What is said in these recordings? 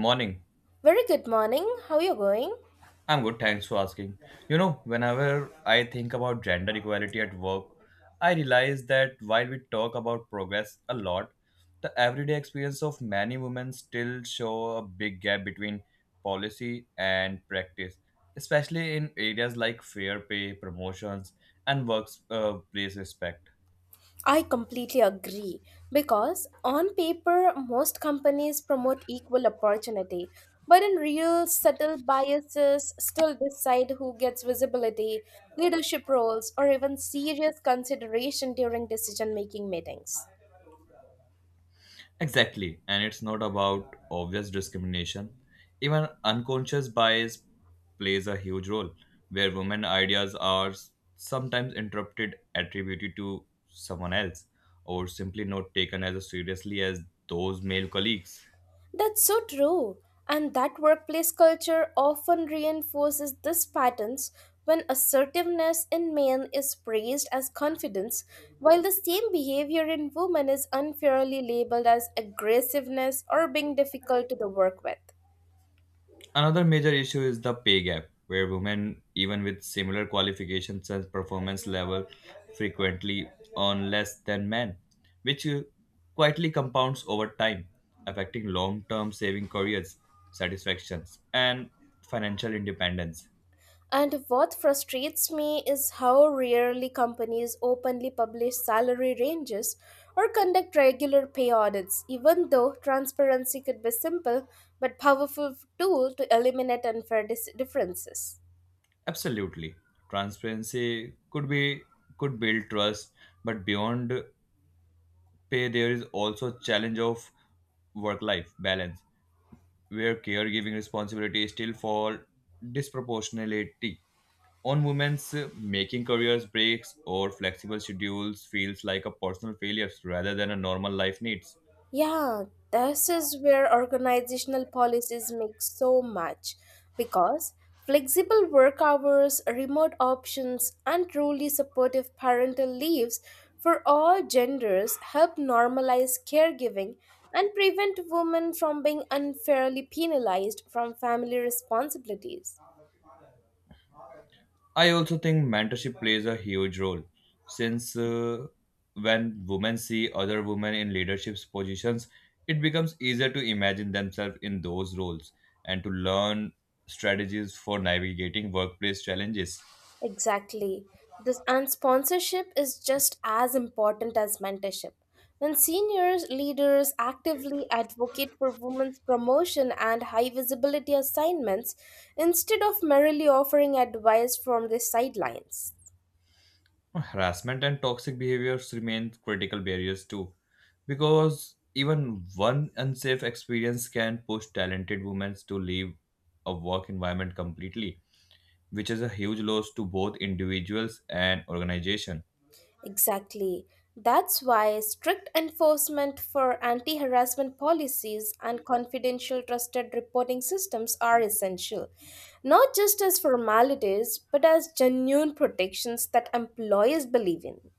Morning. Very good morning. How are you going? I'm good, thanks for asking. You know, whenever I think about gender equality at work, I realize that while we talk about progress a lot, the everyday experience of many women still show a big gap between policy and practice, especially in areas like fair pay, promotions, and workplace place respect. I completely agree because on paper, most companies promote equal opportunity, but in real, subtle biases still decide who gets visibility, leadership roles, or even serious consideration during decision making meetings. Exactly, and it's not about obvious discrimination. Even unconscious bias plays a huge role, where women ideas are sometimes interpreted, attributed to someone else, or simply not taken as seriously as those male colleagues. That's so true. And that workplace culture often reinforces these patterns when assertiveness in men is praised as confidence, while the same behavior in women is unfairly labeled as aggressiveness or being difficult to the work with. Another major issue is the pay gap, where women, even with similar qualifications and performance level, frequently earn less than men, which quietly compounds over time, affecting long term saving careers, satisfactions, and financial independence. And what frustrates me is how rarely companies openly publish salary ranges or conduct regular pay audits, even though transparency could be simple but powerful tool to eliminate unfair differences. Absolutely. Transparency could be could build trust, but beyond pay there is also challenge of work life balance where caregiving responsibilities still fall disproportionately on women's making careers breaks or flexible schedules feels like a personal failure rather than a normal life needs. Yeah, this is where organizational policies make so much because flexible work hours, remote options, and truly supportive parental leaves for all genders help normalize caregiving and prevent women from being unfairly penalized from family responsibilities. I also think mentorship plays a huge role since when women see other women in leadership positions it becomes easier to imagine themselves in those roles and to learn strategies for navigating workplace challenges. Exactly. This and sponsorship is just as important as mentorship. When senior leaders actively advocate for women's promotion and high visibility assignments instead of merely offering advice from the sidelines. Harassment and toxic behaviors remain critical barriers too, because even one unsafe experience can push talented women to leave a work environment completely, which is a huge loss to both individuals and organization. Exactly. That's why strict enforcement for anti harassment policies and confidential trusted reporting systems are essential, not just as formalities, but as genuine protections that employers believe in.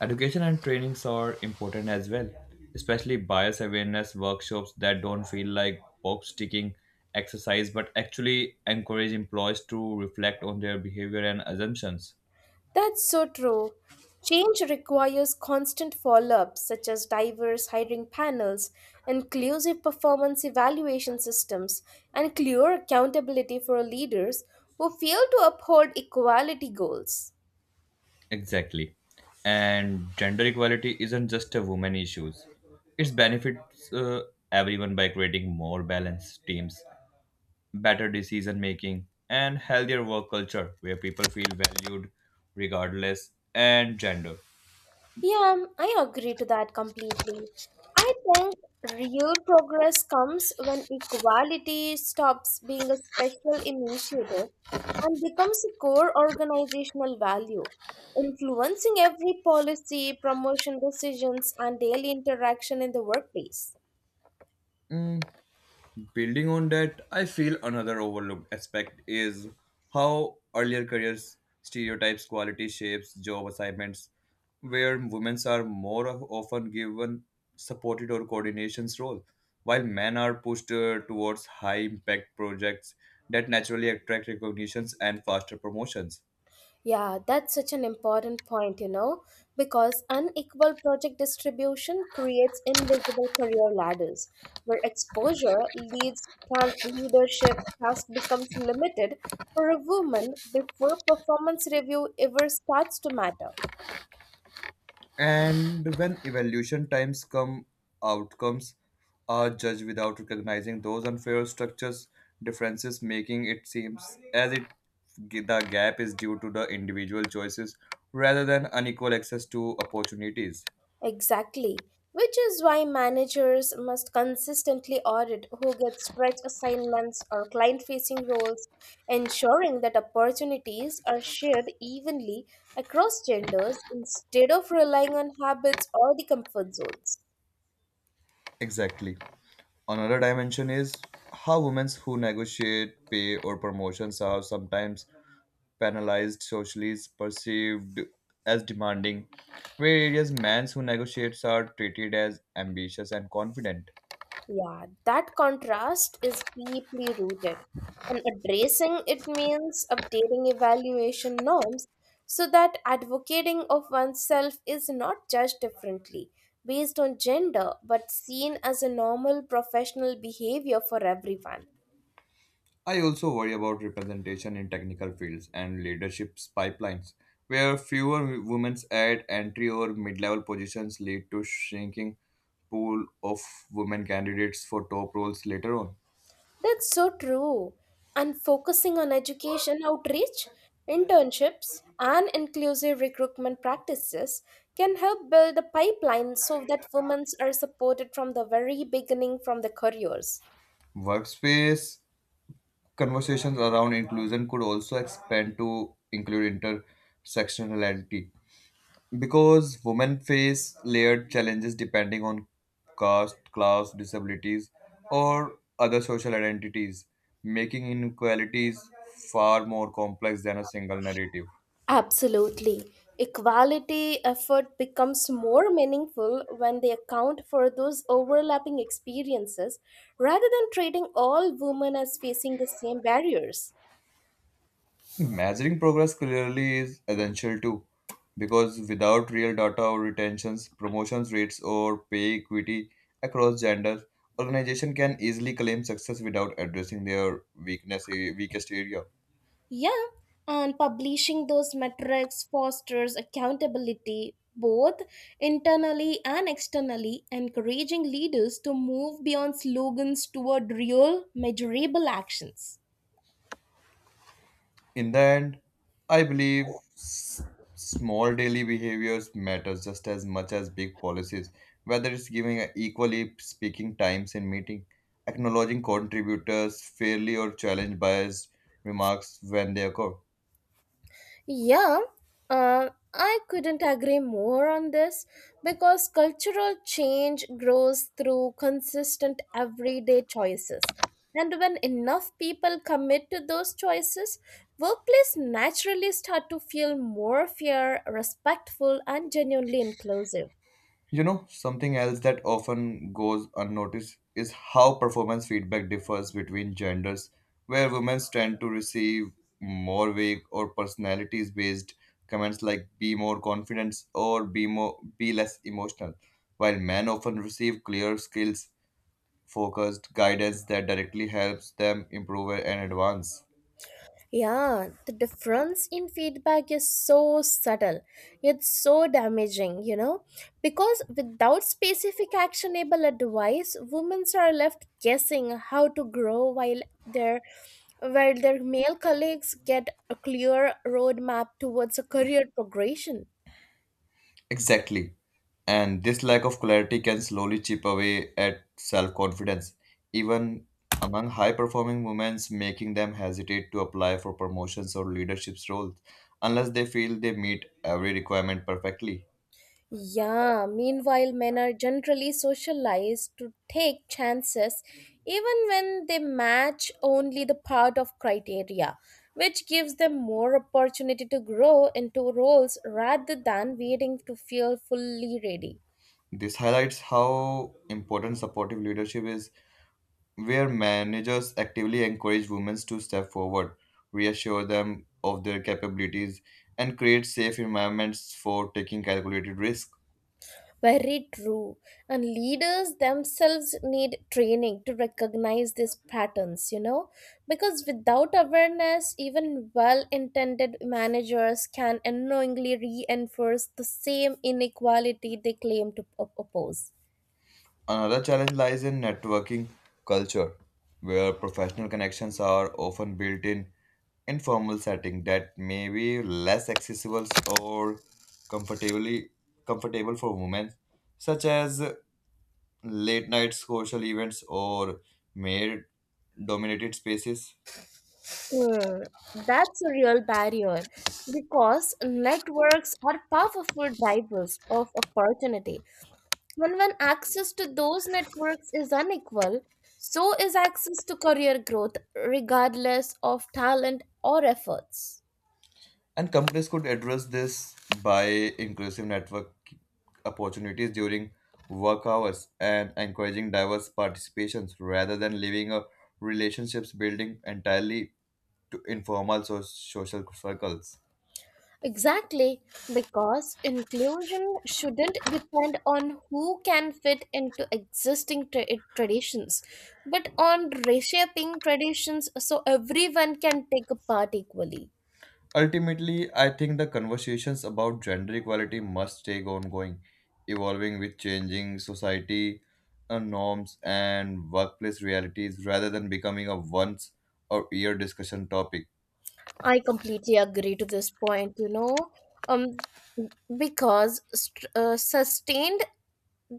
Education and trainings are important as well, especially bias awareness workshops that don't feel like box ticking exercise but actually encourage employees to reflect on their behavior and assumptions. That's so true. Change requires constant follow ups, such as diverse hiring panels, inclusive performance evaluation systems, and clear accountability for leaders who fail to uphold equality goals. Exactly. And gender equality isn't just a woman issues. It benefits everyone by creating more balanced teams, better decision making, and healthier work culture where people feel valued regardless and gender. Yeah, I agree to that completely. I think real progress comes when equality stops being a special initiative and becomes a core organizational value, influencing every policy, promotion decisions, and daily interaction in the workplace. Mm, Building on that, I feel another overlooked aspect is how earlier careers stereotypes quality shapes job assignments, where women are often given supported or coordinations role, while men are pushed towards high impact projects that naturally attract recognitions and faster promotions. Yeah, that's such an important point, you know, because unequal project distribution creates invisible career ladders where exposure leads trans leadership task becomes limited for a woman before performance review ever starts to matter. And when evaluation times come, outcomes are judged without recognizing those unfair structures differences, making it seems as if the gap is due to the individual choices rather than unequal access to opportunities. Exactly, which is why managers must consistently audit who gets stretch assignments or client facing roles, ensuring that opportunities are shared evenly across genders instead of relying on habits or the comfort zones. Exactly. Another dimension is how women who negotiate pay or promotions are sometimes penalized socially is perceived as demanding, where areas men who negotiate are treated as ambitious and confident. Yeah, that contrast is deeply rooted, and addressing it means updating evaluation norms so that advocating of oneself is not judged differently based on gender but seen as a normal professional behavior for everyone. I also worry about representation in technical fields and leadership pipelines, where fewer women at entry or mid-level positions lead to shrinking pool of women candidates for top roles later on. That's so true. And focusing on education outreach, internships, and inclusive recruitment practices can help build a pipeline so that women are supported from the very beginning from the careers. Workspace conversations around inclusion could also expand to include intersectionality, because women face layered challenges depending on caste, class, disabilities, or other social identities, making inequalities far more complex than a single narrative. Absolutely. Equality effort becomes more meaningful when they account for those overlapping experiences rather than treating all women as facing the same barriers. Measuring progress clearly is essential too, because without real data or retentions, promotions rates, or pay equity across genders, organizations can easily claim success without addressing their weakest area. Yeah, and publishing those metrics fosters accountability both internally and externally, encouraging leaders to move beyond slogans toward real, measurable actions. In the end, I believe s- small daily behaviors matters just as much as big policies, whether it's giving a equally speaking times in meeting, acknowledging contributors fairly or challenge biased remarks when they occur. Yeah, I couldn't agree more on this because cultural change grows through consistent everyday choices. And when enough people commit to those choices, workplace naturally start to feel more fair, respectful, and genuinely inclusive. You know, something else that often goes unnoticed is how performance feedback differs between genders, where women tend to receive more vague or personalities based comments like be more confident or be less emotional, while men often receive clear skills focused guidance that directly helps them improve and advance. Yeah, the difference in feedback is so subtle, yet so damaging, you know? Because without specific actionable advice, women are left guessing how to grow while their male colleagues get a clear roadmap towards a career progression. Exactly. And this lack of clarity can slowly chip away at self confidence, even among high performing women, making them hesitate to apply for promotions or leadership roles unless they feel they meet every requirement perfectly. Yeah, meanwhile, men are generally socialized to take chances even when they match only the part of criteria, which gives them more opportunity to grow into roles rather than waiting to feel fully ready. This highlights how important supportive leadership is, where managers actively encourage women to step forward, reassure them of their capabilities, and create safe environments for taking calculated risks. Very true. And leaders themselves need training to recognize these patterns, you know, because without awareness, even well intended managers can unknowingly reinforce the same inequality they claim to oppose. Another challenge lies in networking culture, where professional connections are often built in informal setting that may be less accessible or comfortably comfortable for women, such as late night social events or male dominated spaces. Hmm, that's a real barrier because networks are powerful drivers of opportunity, and when access to those networks is unequal, so is access to career growth, regardless of talent or efforts. And companies could address this by inclusive network opportunities during work hours and encouraging diverse participations rather than leaving a relationships building entirely to social circles. Exactly, because inclusion shouldn't depend on who can fit into existing traditions, but on reshaping traditions so everyone can take a part equally. Ultimately, I think the conversations about gender equality must stay ongoing, evolving with changing society norms and workplace realities rather than becoming a once or year discussion topic. I completely agree to this point, you know. Um, because sustained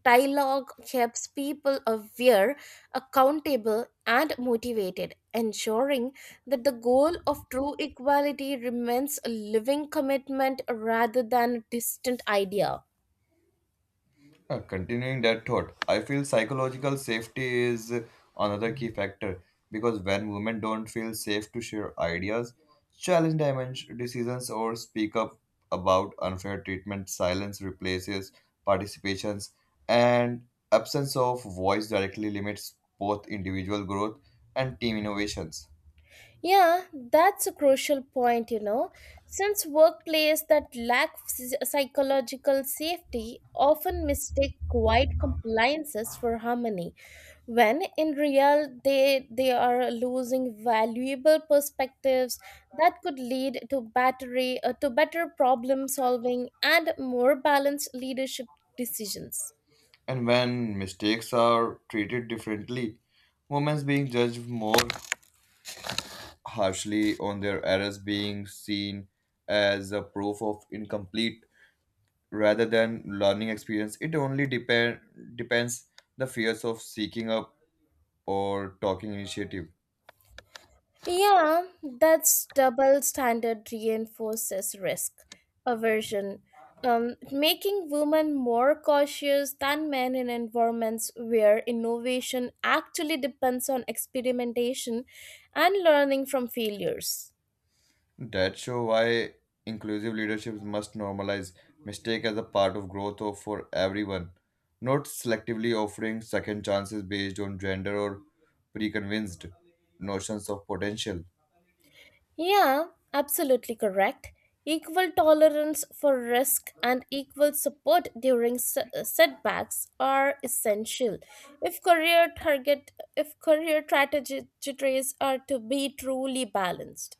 dialogue keeps people aware, accountable, and motivated, ensuring that the goal of true equality remains a living commitment rather than a distant idea. Continuing that thought, I feel psychological safety is another key factor because when women don't feel safe to share ideas, decisions, or speak up about unfair treatment, silence replaces participations, and absence of voice directly limits both individual growth and team innovations. Yeah, that's a crucial point, you know, since workplace that lack psychological safety often mistake quiet compliances for harmony, when in real they are losing valuable perspectives that could lead to battery to better problem solving and more balanced leadership decisions. And when mistakes are treated differently, women's being judged more harshly on their errors being seen as a proof of incomplete rather than learning experience. It only depend depends the fears of seeking up or talking initiative. Yeah, that's double standard reinforces risk aversion, making women more cautious than men in environments where innovation actually depends on experimentation and learning from failures. That show why inclusive leadership must normalize mistake as a part of growth of for everyone, not selectively offering second chances based on gender or pre-convinced notions of potential. Yeah, absolutely correct. Equal tolerance for risk and equal support during setbacks are essential. If career target if career strategies are to be truly balanced.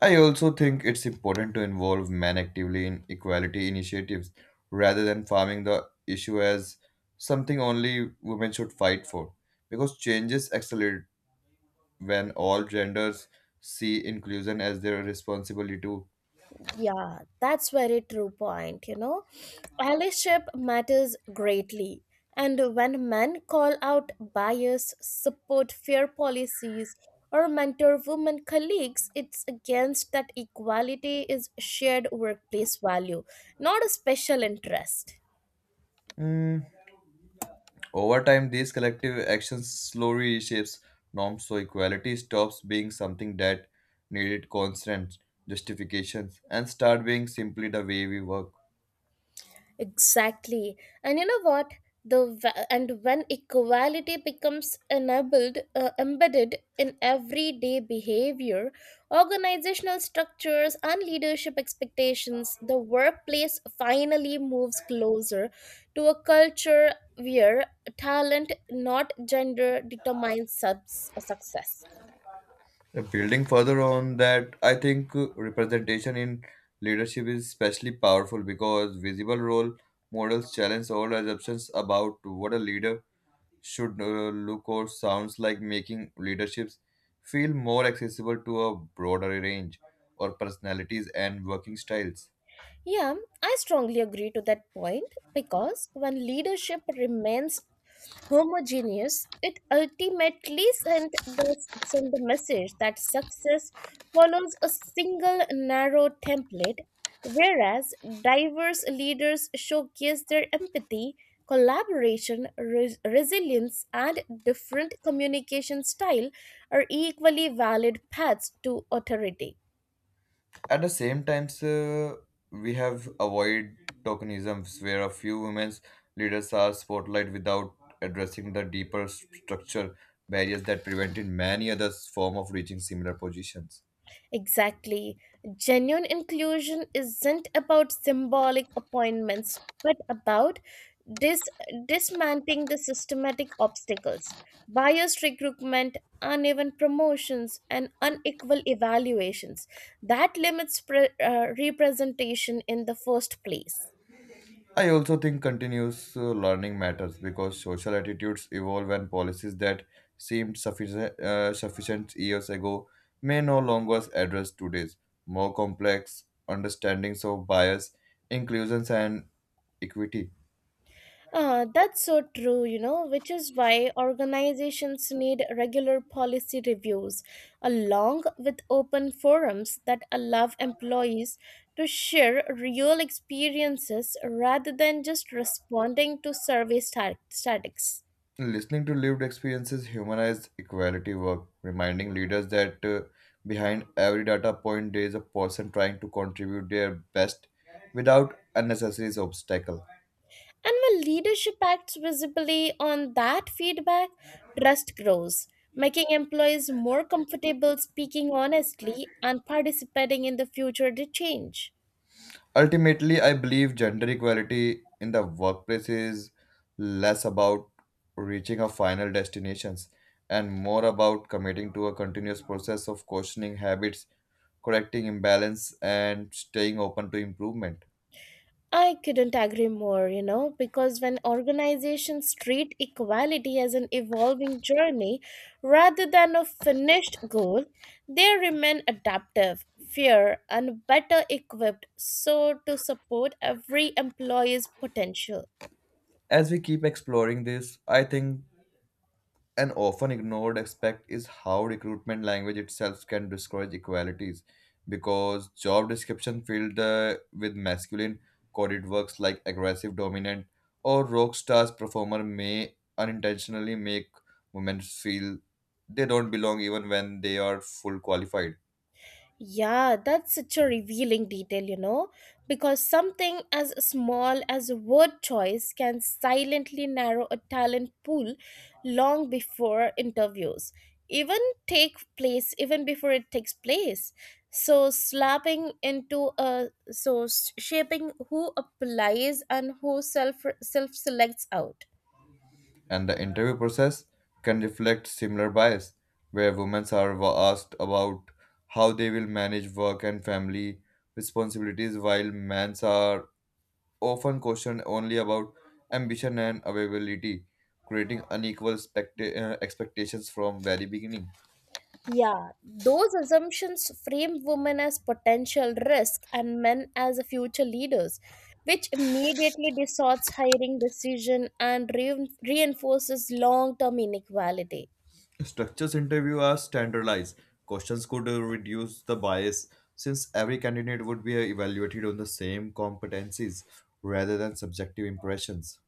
I also think it's important to involve men actively in equality initiatives rather than farming the issue as something only women should fight for. Because changes accelerate when all genders see inclusion as their responsibility too. Yeah, that's very true point, you know. Allyship matters greatly. And when men call out bias, support fair policies, or mentor women colleagues, it's against that equality is shared workplace value, not a special interest. Mm, Over time, these collective actions slowly reshapes norms so equality stops being something that needed constant justifications and start being simply the way we work. Exactly. And you know what? And when equality becomes embedded in everyday behavior, organizational structures and leadership expectations, the workplace finally moves closer to a culture where talent, not gender, determines success. Building further on that, I think representation in leadership is especially powerful because visible role models challenge all assumptions about what a leader should look or sounds like, making leaderships feel more accessible to a broader range of personalities and working styles. Yeah, I strongly agree to that point because when leadership remains homogeneous, it ultimately sent the message that success follows a single narrow template, whereas diverse leaders showcase their empathy, collaboration, resilience, and different communication style are equally valid paths to authority. At the same times we have avoid tokenisms where a few women's leaders are spotlight without addressing the structure barriers that prevented many others form of reaching similar positions. Exactly. Genuine inclusion isn't about symbolic appointments, but about dis- dismantling the systematic obstacles, biased recruitment, uneven promotions, and unequal evaluations that limits representation in the first place. I also think continuous learning matters because social attitudes evolve and policies that seemed sufficient sufficient years ago may no longer address today's more complex understandings of bias inclusions and equity. That's so true, you know, which is why organizations need regular policy reviews, along with open forums that allow employees to share real experiences rather than just responding to survey statistics. Listening to lived experiences humanize equality work, reminding leaders that behind every data point there is a person trying to contribute their best without unnecessary obstacle. And when leadership acts visibly on that feedback, trust grows, making employees more comfortable speaking honestly and participating in the future to change. Ultimately, I believe gender equality in the workplace is less about reaching a final destinations and more about committing to a continuous process of questioning habits, correcting imbalance, and staying open to improvement. I couldn't agree more, you know, because when organizations treat equality as an evolving journey rather than a finished goal, they remain adaptive, fair, and better equipped so to support every employee's potential. As we keep exploring this, I think an often ignored aspect is how recruitment language itself can discourage equalities because job description filled with masculine coded works like aggressive dominant or rock stars performer may unintentionally make women feel they don't belong even when they are full qualified. Yeah, that's such a revealing detail, you know, because something as small as a word choice can silently narrow a talent pool long before interviews even even before it takes place. So slapping into a so s- shaping who applies and who self selects out. And the interview process can reflect similar bias where women are asked about how they will manage work and family responsibilities while men are often questioned only about ambition and availability, creating unequal expectations from very beginning. Yeah, those assumptions frame women as potential risk and men as future leaders, which immediately distorts hiring decision and reinforces long-term inequality. Structures interview are standardized. Questions could reduce the bias since every candidate would be evaluated on the same competencies rather than subjective impressions.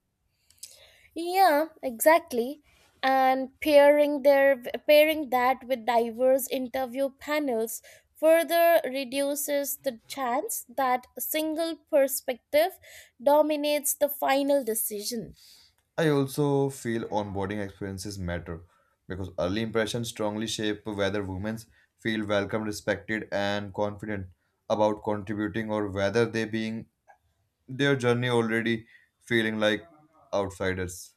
Yeah, exactly. And pairing that with diverse interview panels further reduces the chance that a single perspective dominates the final decision. I also feel onboarding experiences matter because early impressions strongly shape whether women feel welcome, respected, and confident about contributing or whether they being their journey already feeling like outsiders.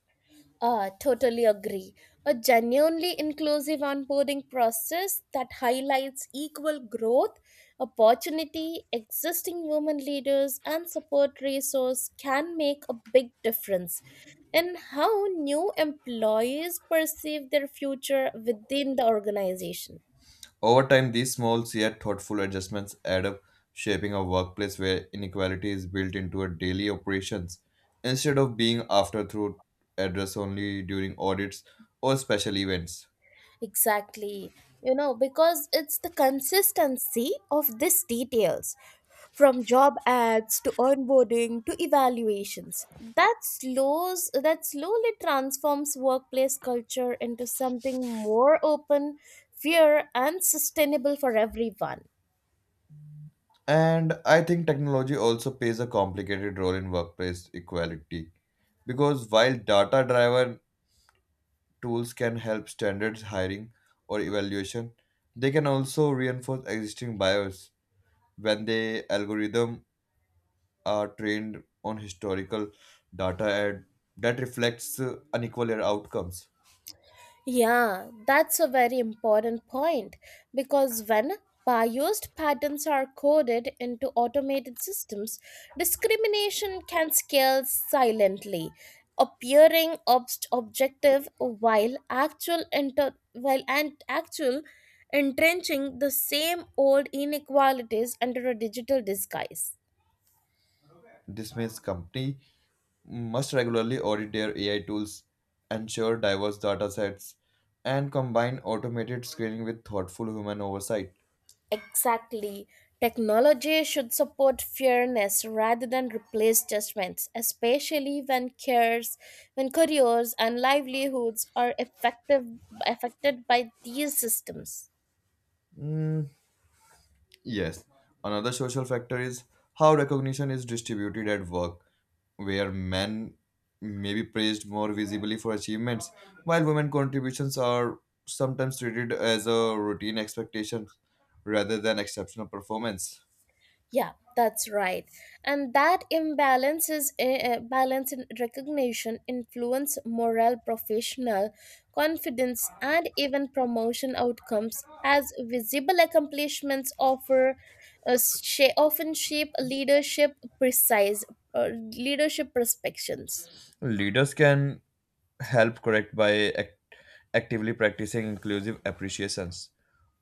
Ah, totally agree. A genuinely inclusive onboarding process that highlights equal growth, opportunity, existing women leaders, and support resource can make a big difference in how new employees perceive their future within the organization. Over time, these small yet thoughtful adjustments add up, shaping a workplace where inequality is built into a daily operations instead of being afterthought addressed only during audits or special events. Exactly. You know, because it's the consistency of these details from job ads to onboarding to evaluations that slows that slowly transforms workplace culture into something more open fair and sustainable for everyone. And I think technology also plays a complicated role in workplace equality because while data driven tools can help standards hiring or evaluation, they can also reinforce existing bias when the algorithm are trained on historical data and that reflects unequal outcomes. Yeah, that's a very important point because when biased patterns are coded into automated systems, discrimination can scale silently, appearing objective while actual inter- while and actual entrenching the same old inequalities under a digital disguise. This means company must regularly audit their AI tools, ensure diverse data sets, and combine automated screening with thoughtful human oversight. Exactly. Technology should support fairness rather than replace judgments, especially when careers and livelihoods are affected by these systems. Mm, Yes, another social factor is how recognition is distributed at work, where men may be praised more visibly for achievements, while women contributions are sometimes treated as a routine expectation rather than exceptional performance. Yeah, that's right. And that imbalance is a balance in recognition, influence, morale, professional confidence, and even promotion outcomes. As visible accomplishments often shape precise uh, leadership perspectives. Leaders can help correct by actively practicing inclusive appreciations,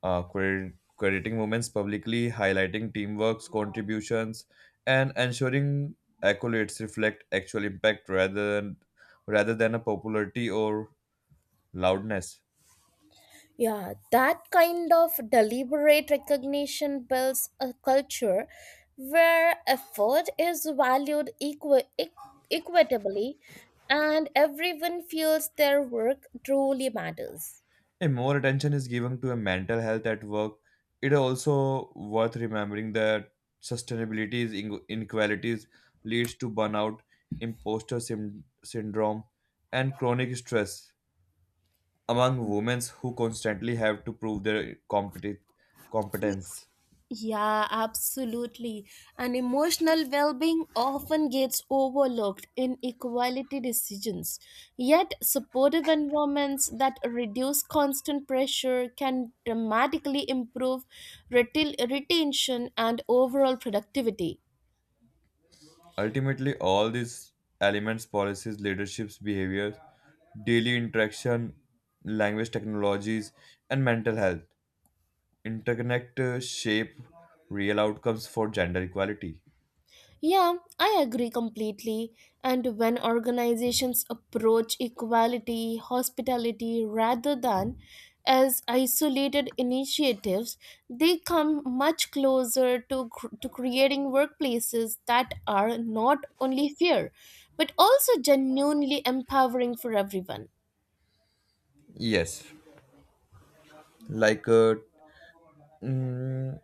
crediting moments publicly, highlighting teamwork's contributions, and ensuring accolades reflect actual impact rather than a popularity or loudness. Yeah, that kind of deliberate recognition builds a culture where effort is valued equitably and everyone feels their work truly matters. If more attention is given to a mental health at work, it is also worth remembering that sustainability inequalities leads to burnout, syndrome, and chronic stress among women who constantly have to prove their competence. Yeah, absolutely. And emotional well being often gets overlooked in equality decisions. Yet, supportive environments that reduce constant pressure can dramatically improve retention and overall productivity. Ultimately, all these elements policies, leaderships, behaviors, daily interaction, language technologies, and mental health interconnect, shape real outcomes for gender equality. Yeah, I agree completely. And when organizations approach equality, hospitality rather than as isolated initiatives, they come much closer to, to creating workplaces that are not only fair, but also genuinely empowering for everyone. Yes, like uh, mm,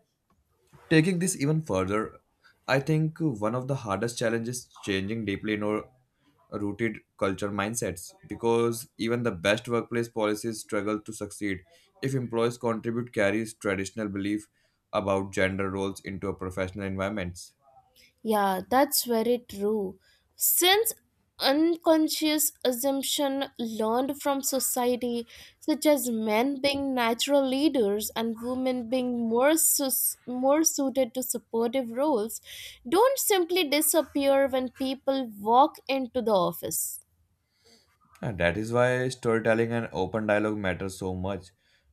taking this even further, I think one of the hardest challenges is changing deeply in our rooted culture mindsets because even the best workplace policies struggle to succeed if employees contribute carries traditional belief about gender roles into a professional environments. Yeah, that's very true. Since unconscious assumption learned from society, such as men being natural leaders and women being more suited to supportive roles, don't simply disappear when people walk into the office. And that is why storytelling and open dialogue matter so much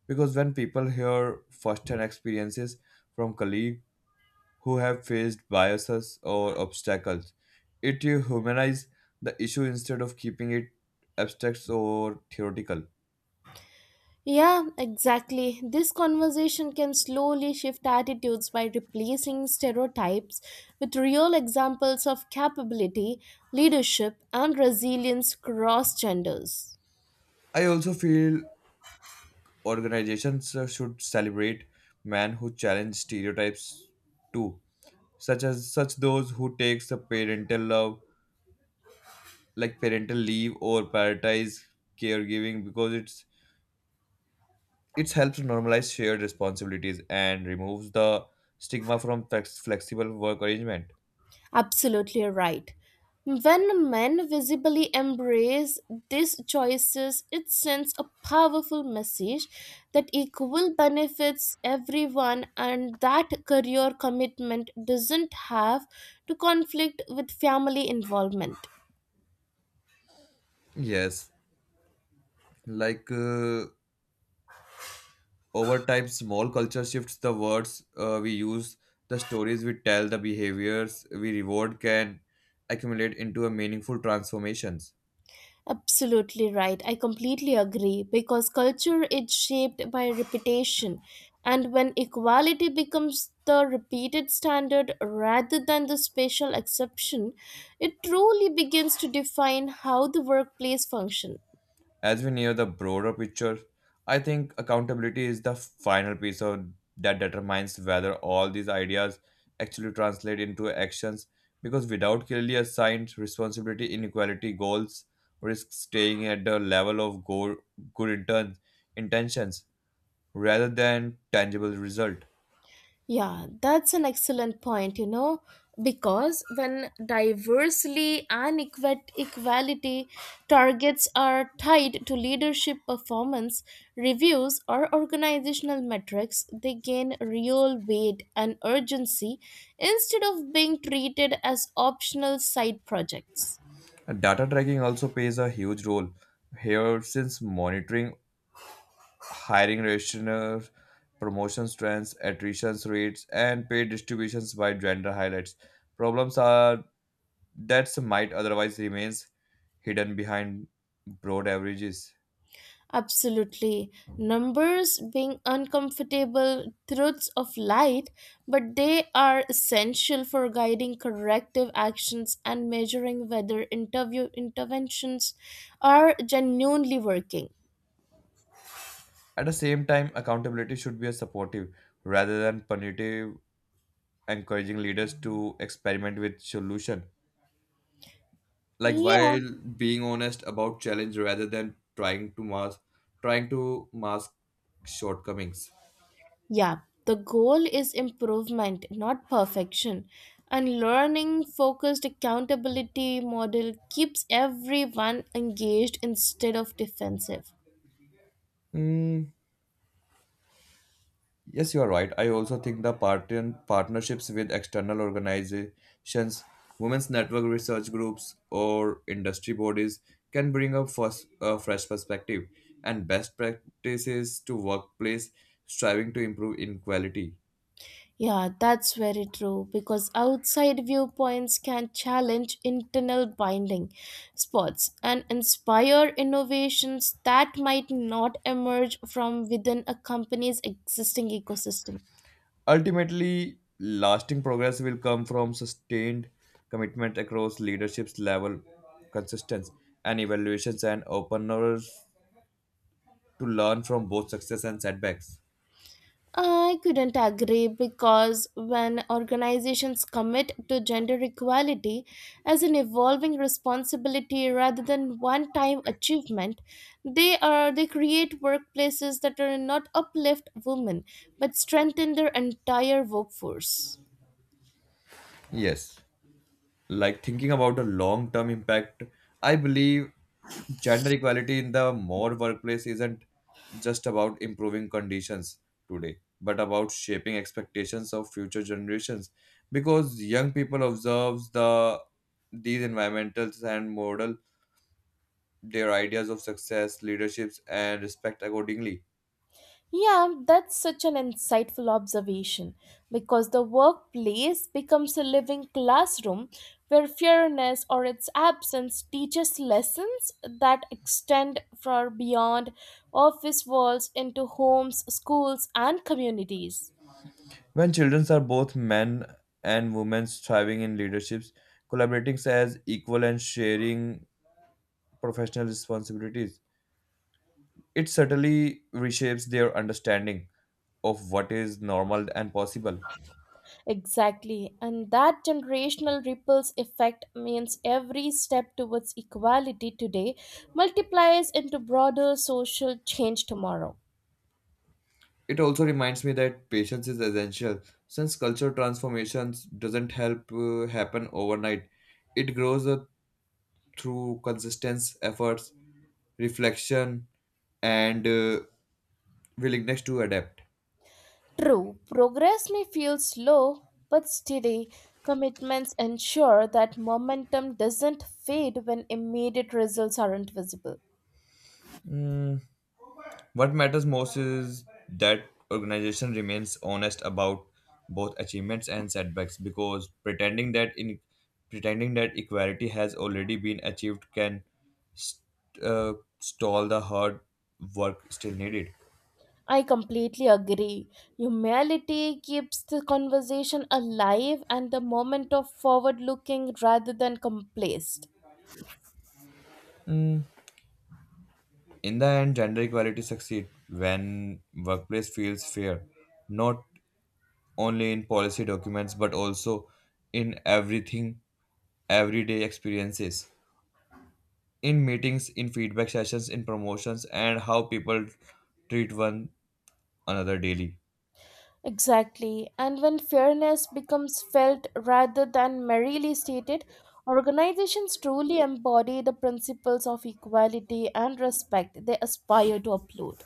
because when people hear first-hand experiences from colleagues who have faced biases or obstacles. It humanizes the issue instead of keeping it abstract or theoretical. Yeah, exactly. This conversation can slowly shift attitudes by replacing stereotypes with real examples of capability, leadership, and resilience across genders. I also feel organizations should celebrate men who challenge stereotypes too, such as such those who takes a parental love, like parental leave or prioritize caregiving because it helps normalize shared responsibilities and removes the stigma from flexible work arrangement. Absolutely right. When men visibly embrace these choices, it sends a powerful message that equal benefits everyone and that career commitment doesn't have to conflict with family involvement. Yes, like over time small culture shifts the words we use, the stories we tell, the behaviors we reward can accumulate into a meaningful transformations Absolutely right. I completely agree because culture is shaped by repetition, and when equality becomes the repeated standard rather than the special exception, it truly begins to define how the workplace functions. as we near the broader picture. I think accountability is the final piece of that determines whether all these ideas actually translate into actions because without clearly assigned responsibility inequality goals risk staying at the level of good intentions rather than tangible result. Yeah, that's an excellent point, you know, because when diversity and equality targets are tied to leadership performance, reviews, or organizational metrics, they gain real weight and urgency instead of being treated as optional side projects. Data tracking also plays a huge role here since monitoring hiring rationale, promotions trends, attrition rates, and pay distributions by gender highlights problems are that might otherwise remains hidden behind broad averages. Absolutely. Numbers being uncomfortable truths of light, but they are essential for guiding corrective actions and measuring whether interview interventions are genuinely working. At the same time, accountability should be a supportive rather than punitive, encouraging leaders to experiment with solution like Yeah. while being honest about challenge rather than trying to mask shortcomings. Yeah. The goal is improvement, not perfection. And learning focused accountability model keeps everyone engaged instead of defensive. Mm, yes you are right. I also think the partnerships with external organizations, women's network research groups or industry bodies can bring a a fresh perspective and best practices to workplace striving to improve inequality. Yeah, that's very true because outside viewpoints can challenge internal binding spots and inspire innovations that might not emerge from within a company's existing ecosystem. Ultimately, lasting progress will come from sustained commitment across leadership's level, consistency, and evaluations, and openness to learn from both success and setbacks. I couldn't agree because when organizations commit to gender equality as an evolving responsibility rather than one-time achievement, they create workplaces that are not uplift women but strengthen their entire workforce. Yes. Like thinking about the long term impact, I believe gender equality in the more workplace isn't just about improving conditions today but about shaping expectations of future generations because young people observes the these environmentals and model their ideas of success leaderships and respect accordingly. Yeah, that's such an insightful observation because the workplace becomes a living classroom where fairness or its absence teaches lessons that extend far beyond office walls into homes, schools, and communities. When children are both men and women thriving in leaderships collaborating as equal and sharing professional responsibilities, it certainly reshapes their understanding of what is normal and possible. Exactly, and that generational ripples effect means every step towards equality today multiplies into broader social change tomorrow. It also reminds me that patience is essential since cultural transformations doesn't help happen overnight. It grows through consistent efforts, reflection, and willingness to adapt. True, progress may feel slow, but steady commitments ensure that momentum doesn't fade when immediate results aren't visible. Mm, what matters most is that organization remains honest about both achievements and setbacks because pretending that equality has already been achieved can st- uh, stall the hard work still needed. I completely agree. Humility keeps the conversation alive and the moment of forward looking rather than complacent. Mm, in the end, gender equality succeeds when workplace feels fair, not only in policy documents but also in everything everyday experiences. In meetings, in feedback sessions, in promotions, and how people treat one another daily. Exactly. And when fairness becomes felt rather than merely stated, organizations truly embody the principles of equality and respect they aspire to uphold.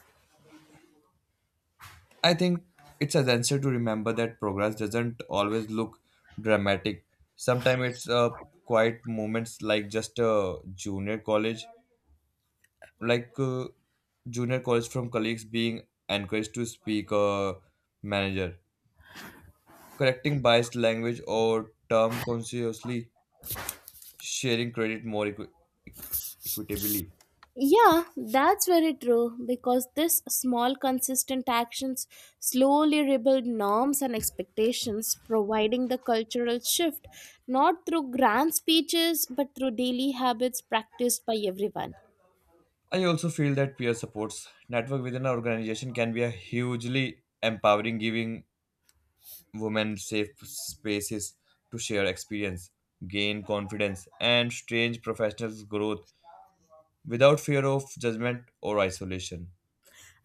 I think it's essential to remember that progress doesn't always look dramatic. Sometimes it's quiet moments, like just a junior college, like junior college from colleagues being encouraged to speak a manager, correcting biased language or term consciously, sharing credit more equitably. Yeah, that's very true because this small consistent actions slowly rebuild norms and expectations, providing the cultural shift not through grand speeches but through daily habits practiced by everyone. I also feel that peer supports network within an organization can be a hugely empowering, giving women safe spaces to share experience, gain confidence, and strange professional growth without fear of judgment or isolation.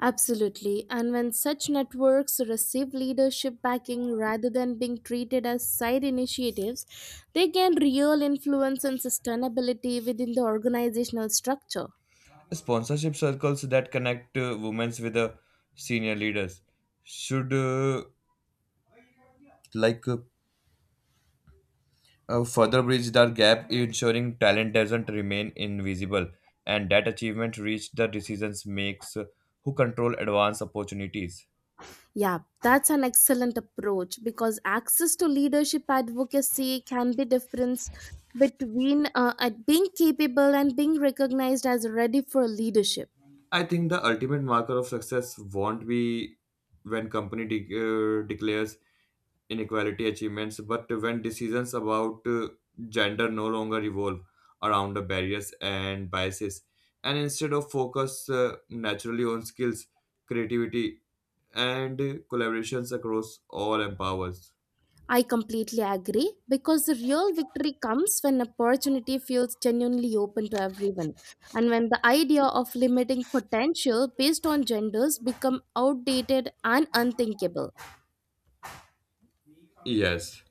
Absolutely. And when such networks receive leadership backing rather than being treated as side initiatives, they gain real influence and sustainability within the organizational structure. Sponsorship circles that connect women with senior leaders should like uh, further bridge the gap, ensuring talent doesn't remain invisible and that achievement reach the decisions makes who control advanced opportunities. Yeah, that's an excellent approach because access to leadership advocacy can be difference between at being capable and being recognized as ready for leadership. I think the ultimate marker of success won't be when company declares inequality achievements, but when decisions about gender no longer revolve around the barriers and biases, and instead of focus naturally on skills, creativity, and collaborations across all empowers. I completely agree because the real victory comes when opportunity feels genuinely open to everyone and when the idea of limiting potential based on genders become outdated and unthinkable. Yes.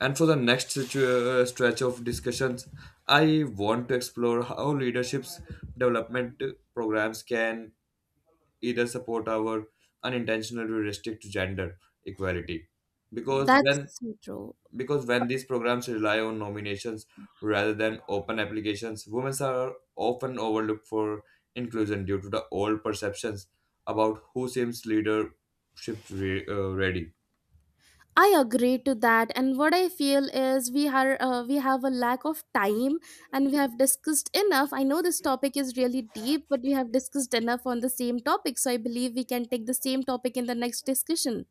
And for the next stretch of discussions, I want to explore how leadership's development programs can either support our unintentional heuristic to gender equality. Because That's when so true. because when these programs rely on nominations rather than open applications, women are often overlooked for inclusion due to the old perceptions about who seems leadership ready. I agree to that and what I feel is we have a lack of time and we have discussed enough. I know this topic is really deep but we have discussed enough on the same topic so I believe we can take the same topic in the next discussion.